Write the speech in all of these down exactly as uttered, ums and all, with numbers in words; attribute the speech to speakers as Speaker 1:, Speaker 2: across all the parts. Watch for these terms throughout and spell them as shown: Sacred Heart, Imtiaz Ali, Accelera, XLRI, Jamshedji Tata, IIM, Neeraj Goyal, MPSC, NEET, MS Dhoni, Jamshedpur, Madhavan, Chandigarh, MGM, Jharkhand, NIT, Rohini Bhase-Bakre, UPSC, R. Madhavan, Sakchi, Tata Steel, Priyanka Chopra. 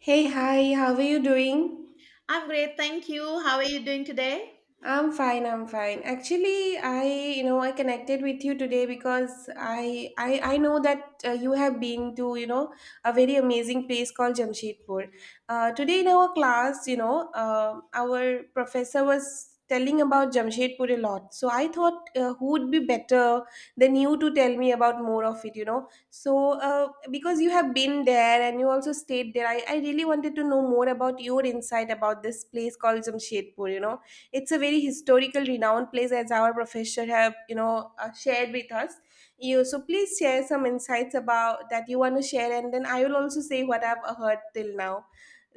Speaker 1: Hey, hi, how are you doing?
Speaker 2: I'm great, thank you. How are you doing today?
Speaker 1: I'm fine, I'm fine. Actually, I, you know, I connected with you today because I I I know that uh, you have been to, you know, a very amazing place called Jamshedpur. Uh, today in our class, you know, uh, our professor was telling about Jamshedpur a lot. So I thought uh, who would be better than you to tell me about more of it, you know? So uh, because you have been there and you also stayed there, I, I really wanted to know more about your insight about this place called Jamshedpur, you know? It's a very historical, renowned place, as our professor have you know uh, shared with us. You so please share some insights about that you want to share, and then I will also say what I've heard till now.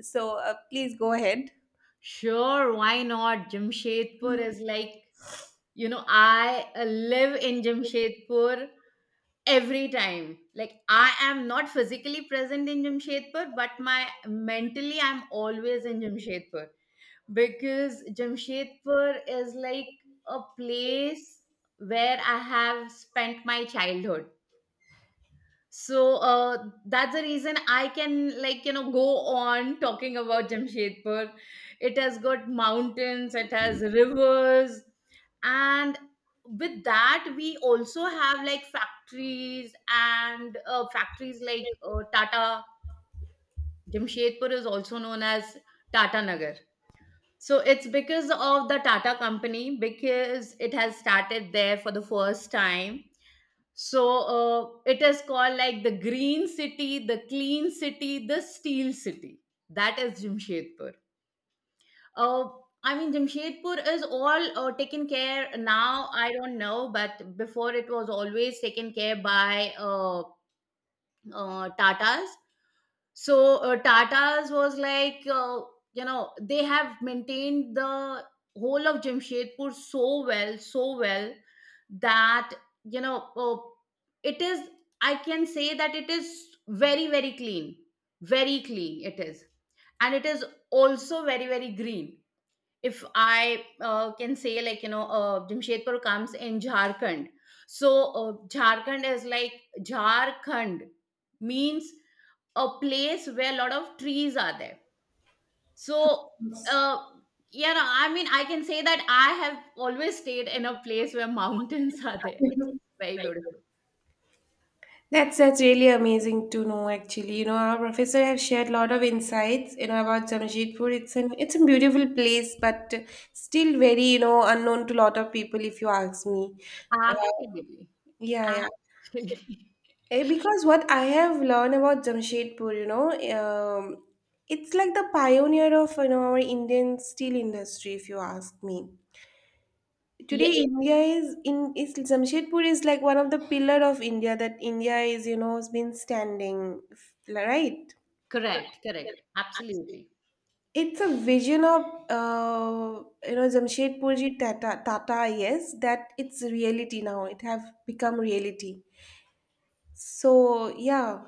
Speaker 1: So uh, please go ahead.
Speaker 2: Sure, why not? Jamshedpur is like, you know, I uh, live in Jamshedpur every time. Like, I am not physically present in Jamshedpur, but my mentally, I'm always in Jamshedpur because Jamshedpur is like a place where I have spent my childhood. So uh, that's the reason I can like you know go on talking about Jamshedpur. It has got mountains, it has rivers, and with that we also have like factories and uh, factories like uh, Tata. Jamshedpur is also known as Tata Nagar. So it's because of the Tata company because it has started there for the first time so uh, it is called like the green city, the clean city, the steel city. That is Jamshedpur. Uh, I mean, Jamshedpur is all uh, taken care now. I don't know, but before it was always taken care by uh, uh, Tatas, so uh, Tata's was like uh, you know, they have maintained the whole of Jamshedpur so well, so well that you know uh, it is, I can say that it is very very clean, very clean it is, and it is also very very green. If I uh, can say, like, you know, uh, Jamshedpur comes in Jharkhand. So, uh, Jharkhand is like Jharkhand means a place where a lot of trees are there. So, uh, yeah, no, I mean, I can say that I have always stayed in a place where mountains are there. It's very beautiful.
Speaker 1: That's that's really amazing to know actually. You know, our professor have shared a lot of insights, you know, about Jamshedpur. It's an it's a beautiful place, but still very, you know, unknown to a lot of people if you ask me. Uh,
Speaker 2: Actually,
Speaker 1: yeah, yeah.
Speaker 2: actually,
Speaker 1: Eh, because what I have learned about Jamshedpur, you know, um, it's like the pioneer of you know our Indian steel industry, if you ask me.
Speaker 2: yeah,
Speaker 1: Today, India is in is Jamshedpur is like one of the pillar of India that India is you know has been standing, f- right?
Speaker 2: correct, correct, absolutely.
Speaker 1: It's a vision of uh, you know Jamshedpurji Tata, Tata yes, that it's reality now. It have become reality. So, yeah,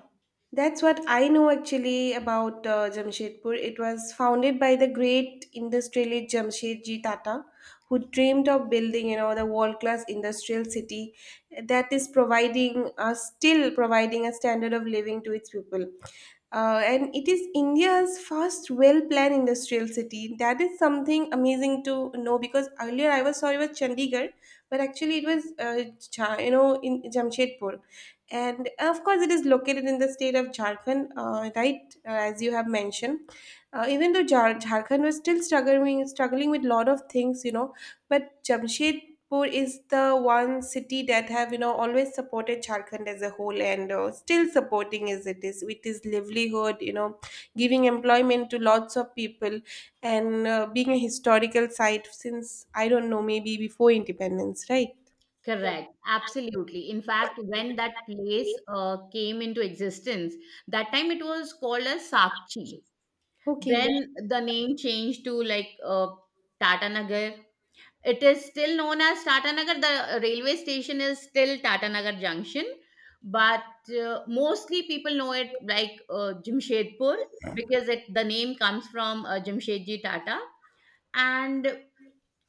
Speaker 1: that's what I know actually about uh, Jamshedpur. It was founded by the great industrialist Jamshedji Tata, who dreamed of building, you know, the world-class industrial city that is providing, uh, still providing a standard of living to its people. Uh, and it is India's first well-planned industrial city. That is something amazing to know because earlier I was sorry it was Chandigarh, but actually it was, uh, Cha- you know, in Jamshedpur. And uh, of course it is located in the state of Jharkhand, uh, right, uh, as you have mentioned. Uh, even though Jar- jharkhand was still struggling struggling with lot of things you know But jamshedpur is the one city that have you know always supported Jharkhand as a whole, and uh, still supporting as it is with its livelihood you know giving employment to lots of people, and uh, being a historical site since I don't know, maybe before independence, right?
Speaker 2: Correct, absolutely. In fact, when that place uh, came into existence, that time it was called as Sakchi.
Speaker 1: Okay, yeah.
Speaker 2: Then the name changed to like uh, Tata Nagar. It is still known as Tata Nagar. The railway station is still Tata Nagar Junction, but uh, mostly people know it like uh, Jamshedpur because it the name comes from uh, Jamshedji Tata. And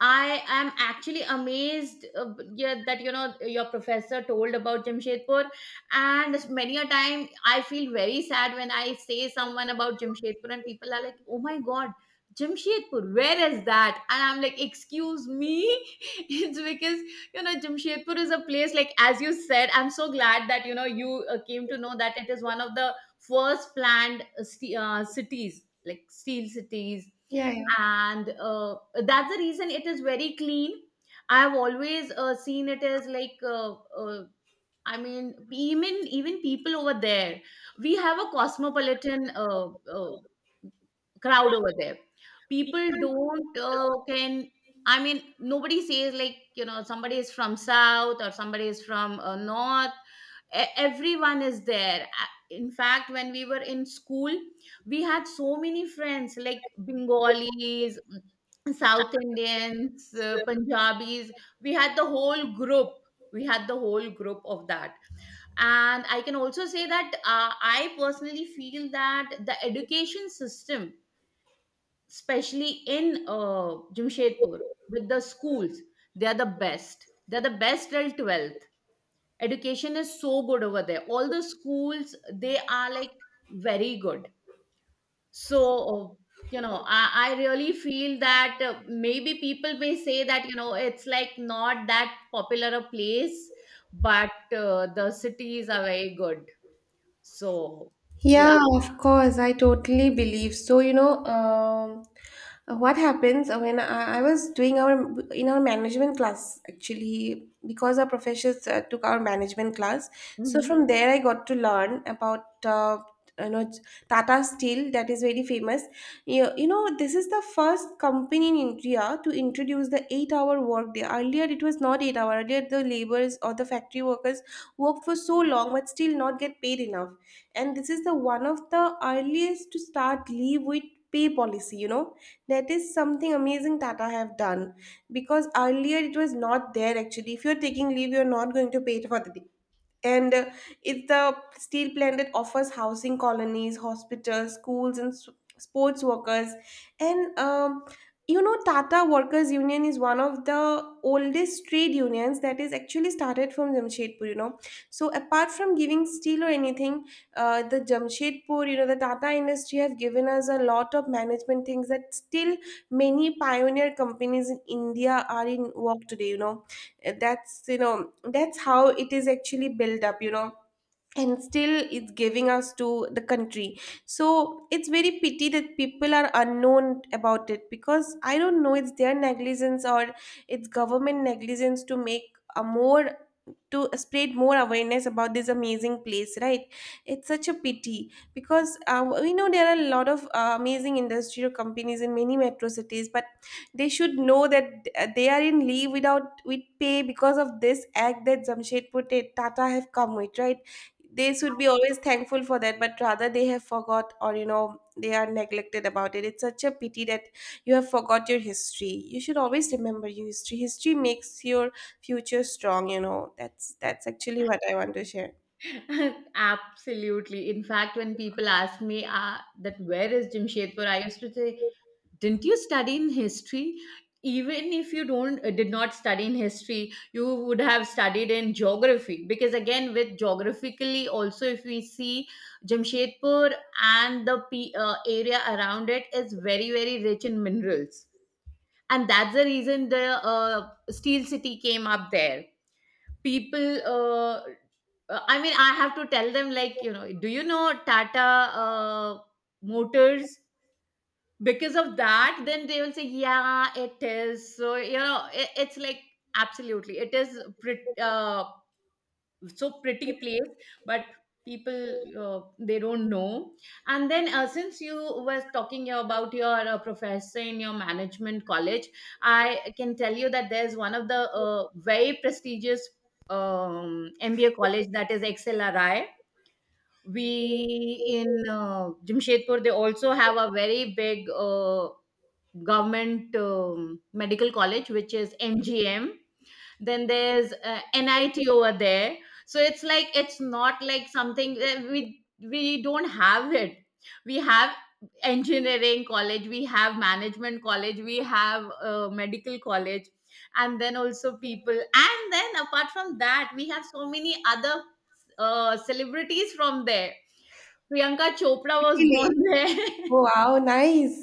Speaker 2: I am actually amazed uh, b- yeah, that you know your professor told about Jamshedpur, and many a time I feel very sad when I say someone about Jamshedpur, and people are like, "Oh my God, Jamshedpur, where is that?" And I'm like, "Excuse me," it's because you know Jamshedpur is a place like as you said. I'm so glad that you know you uh, came to know that it is one of the first planned uh, sti- uh, cities, like steel cities,
Speaker 1: Yeah.
Speaker 2: and uh, that's the reason it is very clean. I have always uh, seen it as like uh, uh, I mean, even even people over there, we have a cosmopolitan uh, uh, crowd over there. People don't uh, can I mean Nobody says like you know somebody is from south or somebody is from uh, north. E- everyone is there. A- in fact, when we were in school, we had so many friends, like Bengalis, mm, South Indians, uh, Punjabis. We had the whole group, we had the whole group of that. And I can also say that uh, I personally feel that the education system, especially in uh, Jamshedpur, with the schools, they are the best, they're the best till twelfth. Education is so good over there. All the schools, they are like very good. So you know i, I really feel that uh, maybe people may say that you know it's like not that popular a place, but uh, the cities are very good. So yeah.
Speaker 1: Yeah, of course. I totally believe. So, you know, um, what happens uh, when I, I was doing our in our management class, actually, because our professors uh, took our management class. So
Speaker 2: Mhm.
Speaker 1: from there, I got to learn about uh, you know Tata Steel, that is very famous. You, you know, this is the first company in India to introduce the eight-hour work day. Earlier, it was not eight hour. Earlier, the laborers or the factory workers worked for so long but still not get paid enough, and this is the one of the earliest to start leave with pay policy you know That is something amazing that I have done, because earlier it was not there actually. If you're taking leave, you're not going to pay for the, and uh, it's the steel plant that offers housing colonies, hospitals, schools, and s- sports workers. And um, you know Tata Workers Union is one of the oldest trade unions, that is actually started from Jamshedpur, you know. So apart from giving steel or anything, uh, the Jamshedpur, you know, the Tata industry have given us a lot of management things that still many pioneer companies in India are in work today, you know. That's, you know, that's how it is actually built up, you know, and still it's giving us to the country. So it's very pity that people are unknown about it, because I don't know, it's their negligence or it's government negligence to make a more, to spread more awareness about this amazing place, right? It's such a pity, because uh, we know there are a lot of uh, amazing industrial companies in many metro cities, but they should know that uh, they are in leave without with pay because of this act that Jamshedpur Ta- Tata have come with, right? They should be always thankful for that, but rather they have forgot, or you know, they are neglected about it. It's such a pity that you have forgot your history. You should always remember your history. History makes your future strong, you know. That's that's actually what I want to share.
Speaker 2: Absolutely. In fact, when people ask me uh, that where is Jamshedpur, I used to say, didn't you study in history? Even if you don't uh, did not study in history, you would have studied in geography, because again with geographically also, if we see Jamshedpur and the P, uh, area around it is very very rich in minerals, and that's the reason the uh, steel city came up there. People uh, uh, I mean, I have to tell them like you know, do you know Tata uh, Motors? Because of that, then they will say yeah, it is. So you know it, it's like absolutely, it is pretty uh, so pretty place. But people uh, they don't know. And then uh, since you were talking about your uh, professor in your management college, I can tell you that there's one of the uh, very prestigious um, M B A college, that is X L R I. We in uh, Jamshedpur, they also have a very big uh, government um, medical college, which is M G M. Then there's uh, N I T over there. So it's like it's not like something that we we don't have it. We have engineering college, we have management college, we have uh, medical college. And then also people, and then apart from that, we have so many other uh, celebrities from there. Priyanka Chopra was born
Speaker 1: Really?
Speaker 2: there.
Speaker 1: Wow, nice.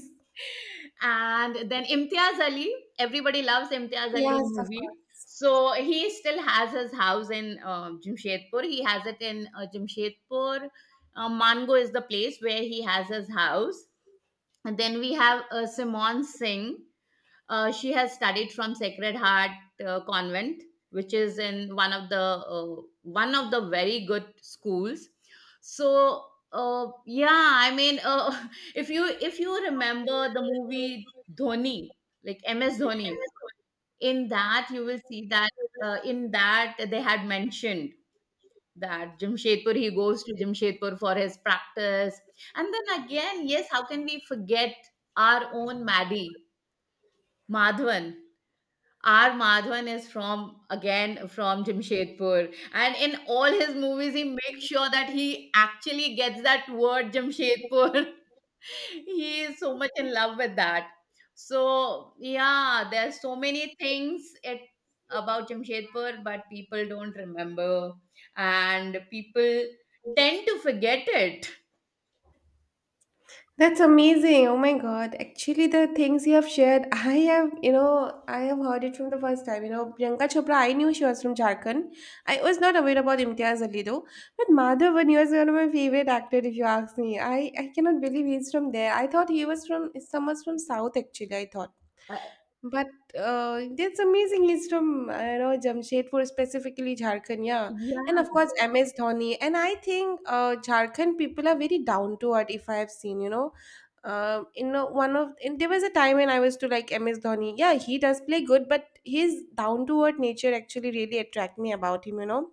Speaker 2: And then Imtiaz Ali, everybody loves Imtiaz Ali
Speaker 1: Yes, of
Speaker 2: movie.
Speaker 1: course.
Speaker 2: So he still has his house in uh, Jamshedpur. He has it in uh, Jamshedpur. Uh, Mango is the place where he has his house. And then we have uh, Simon Singh. Uh, she has studied from Sacred Heart uh, Convent, which is in one of the uh, one of the very good schools. So uh, yeah, I mean, uh, if you if you remember the movie Dhoni, like M S Dhoni, in that you will see that uh, in that they had mentioned that Jamshedpur, he goes to Jamshedpur for his practice. And then again, yes, how can we forget our own Maddie, Madhavan? R. Madhavan is from again from Jamshedpur, and in all his movies, he makes sure that he actually gets that word Jamshedpur. He is so much in love with that. So yeah, there's so many things it about Jamshedpur, but people don't remember, and people tend to forget it.
Speaker 1: That's amazing. Oh my God. Actually, the things you have shared, I have, you know, I have heard it from the first time. You know, Priyanka Chopra, I knew she was from Jharkhand. I was not aware about Imtiaz Ali though. But Madhavan, he was one of my favorite actors, if you ask me. I, I cannot believe he's from there. I thought he was from, someone's from South, actually, I thought.
Speaker 2: Uh,
Speaker 1: But uh, that's amazing. He's from, I don't know, Jamshedpur, specifically Jharkhand, yeah, and
Speaker 2: yeah,
Speaker 1: of course M S Dhoni. And I think uh, Jharkhand people are very down to earth. If I have seen, you know, um, in a- one of in, there was a time when I was to like M S Dhoni. Yeah, he does play good, but his down to earth nature actually really attract me about him. You know,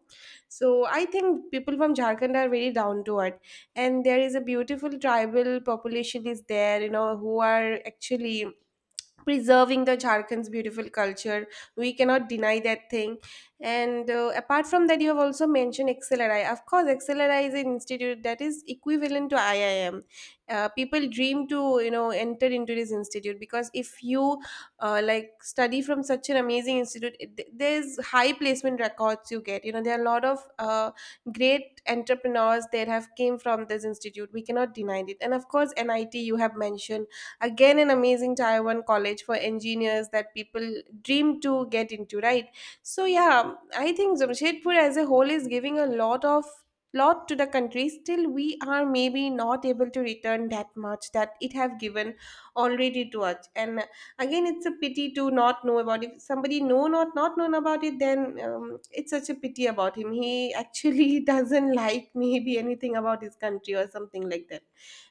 Speaker 1: so I think people from Jharkhand are very down to earth, and there is a beautiful tribal population is there, you know, who are actually preserving the Jharkhand's beautiful culture. We cannot deny that thing. And uh, apart from that, you have also mentioned Accelera. Of course, Accelera is an institute that is equivalent to I I M. Uh, people dream to, you know, enter into this institute, because if you uh, like study from such an amazing institute, it, there's high placement records you get. You know there are a lot of uh, great entrepreneurs that have came from this institute. We cannot deny it. And of course, N I T you have mentioned, again, an amazing taiwan college for engineers that people dream to get into, right? So yeah, I think Jamshedpur as a whole is giving a lot of, lot to the country. Still we are maybe not able to return that much that it have given already to us. And again, it's a pity to not know about, if somebody know, not not known about it, then um, it's such a pity about him, he actually doesn't like maybe anything about his country or something like that.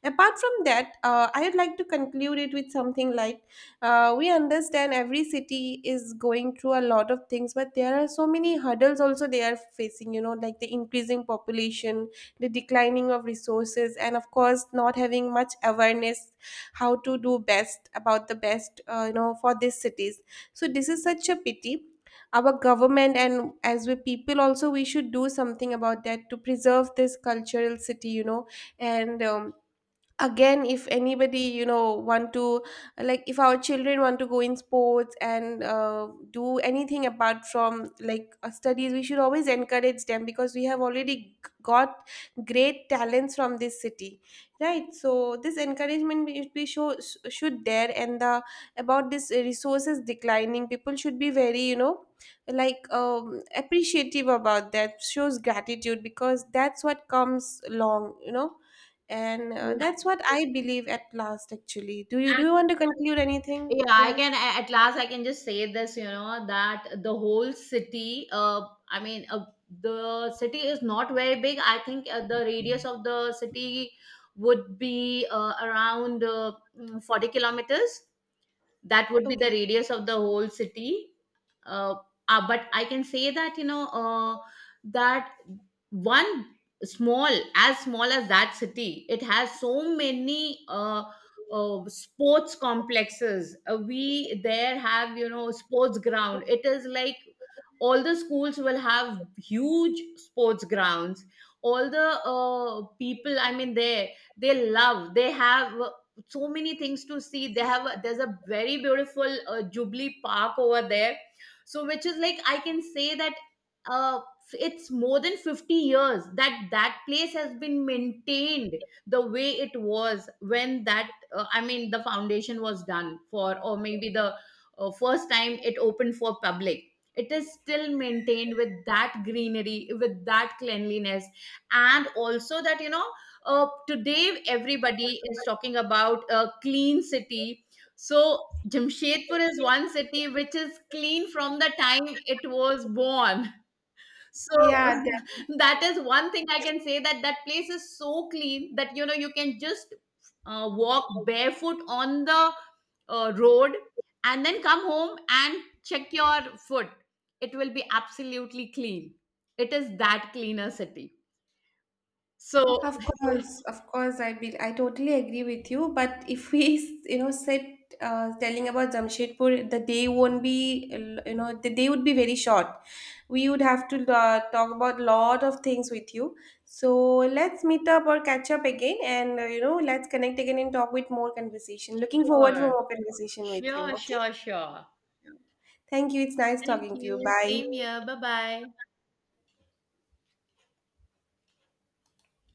Speaker 1: Apart from that, uh, I'd like to conclude it with something like, uh, we understand every city is going through a lot of things, but there are so many hurdles also they are facing, you know, like the increasing population, the declining of resources, and of course, not having much awareness how to do best about the best, uh, you know, for these cities. So, this is such a pity. Our government and as we people also, we should do something about that to preserve this cultural city, you know. And um, again, if anybody, you know, want to, like if our children want to go in sports and uh, do anything apart from like uh, studies, we should always encourage them, because we have already g- got great talents from this city, right? So this encouragement we, we show, should there, and the about this resources declining, people should be very, you know, like um, appreciative about that, shows gratitude, because that's what comes along, you know. And uh,
Speaker 2: yeah.
Speaker 1: that's what I believe at last, actually. Do you do you want to conclude anything
Speaker 2: Yeah,
Speaker 1: at
Speaker 2: I
Speaker 1: last?
Speaker 2: can a- at last I can just say this, you know, that the whole city, uh, I mean, uh, the city is not very big. I think uh, the radius of the city would be uh, around uh, mm, 40 kilometers. That would be
Speaker 1: Okay.
Speaker 2: the radius of the whole city. uh, uh, but I can say that you know uh, that one small, as small as that city, it has so many uh, uh, sports complexes. Uh, we there have you know sports ground. It is like all the schools will have huge sports grounds. All the uh, people, I mean, they they love, they have so many things to see. They have a, there's a very beautiful uh, Jubilee Park over there. So which is like I can say that uh, it's more than fifty years that that place has been maintained the way it was when that uh, I mean the foundation was done for, or maybe the uh, first time it opened for public. It is still maintained with that greenery, with that cleanliness. And also that you know, uh, today everybody is talking about a clean city. So Jamshedpur is one city which is clean from the time it was born. So
Speaker 1: Yeah that,
Speaker 2: that is one thing I can say, that that place is so clean that you know you can just uh, walk barefoot on the uh, road and then come home and check your foot. It will be absolutely clean. It is that cleaner city. So,
Speaker 1: of course, of course I be, I totally agree with you, but if we you know sit, uh, telling about Jamshedpur, the day won't be, you know, the day would be very short. We would have to uh, talk about lot of things with you. So let's meet up or catch up again, and uh, you know, let's connect again and talk with more conversation, looking forward for
Speaker 2: sure.
Speaker 1: more conversation with you,
Speaker 2: Sure,
Speaker 1: okay?
Speaker 2: sure, sure.
Speaker 1: Thank you. It's nice
Speaker 2: Thank
Speaker 1: talking to you.
Speaker 2: you.
Speaker 1: Bye.
Speaker 2: Same here. Bye bye.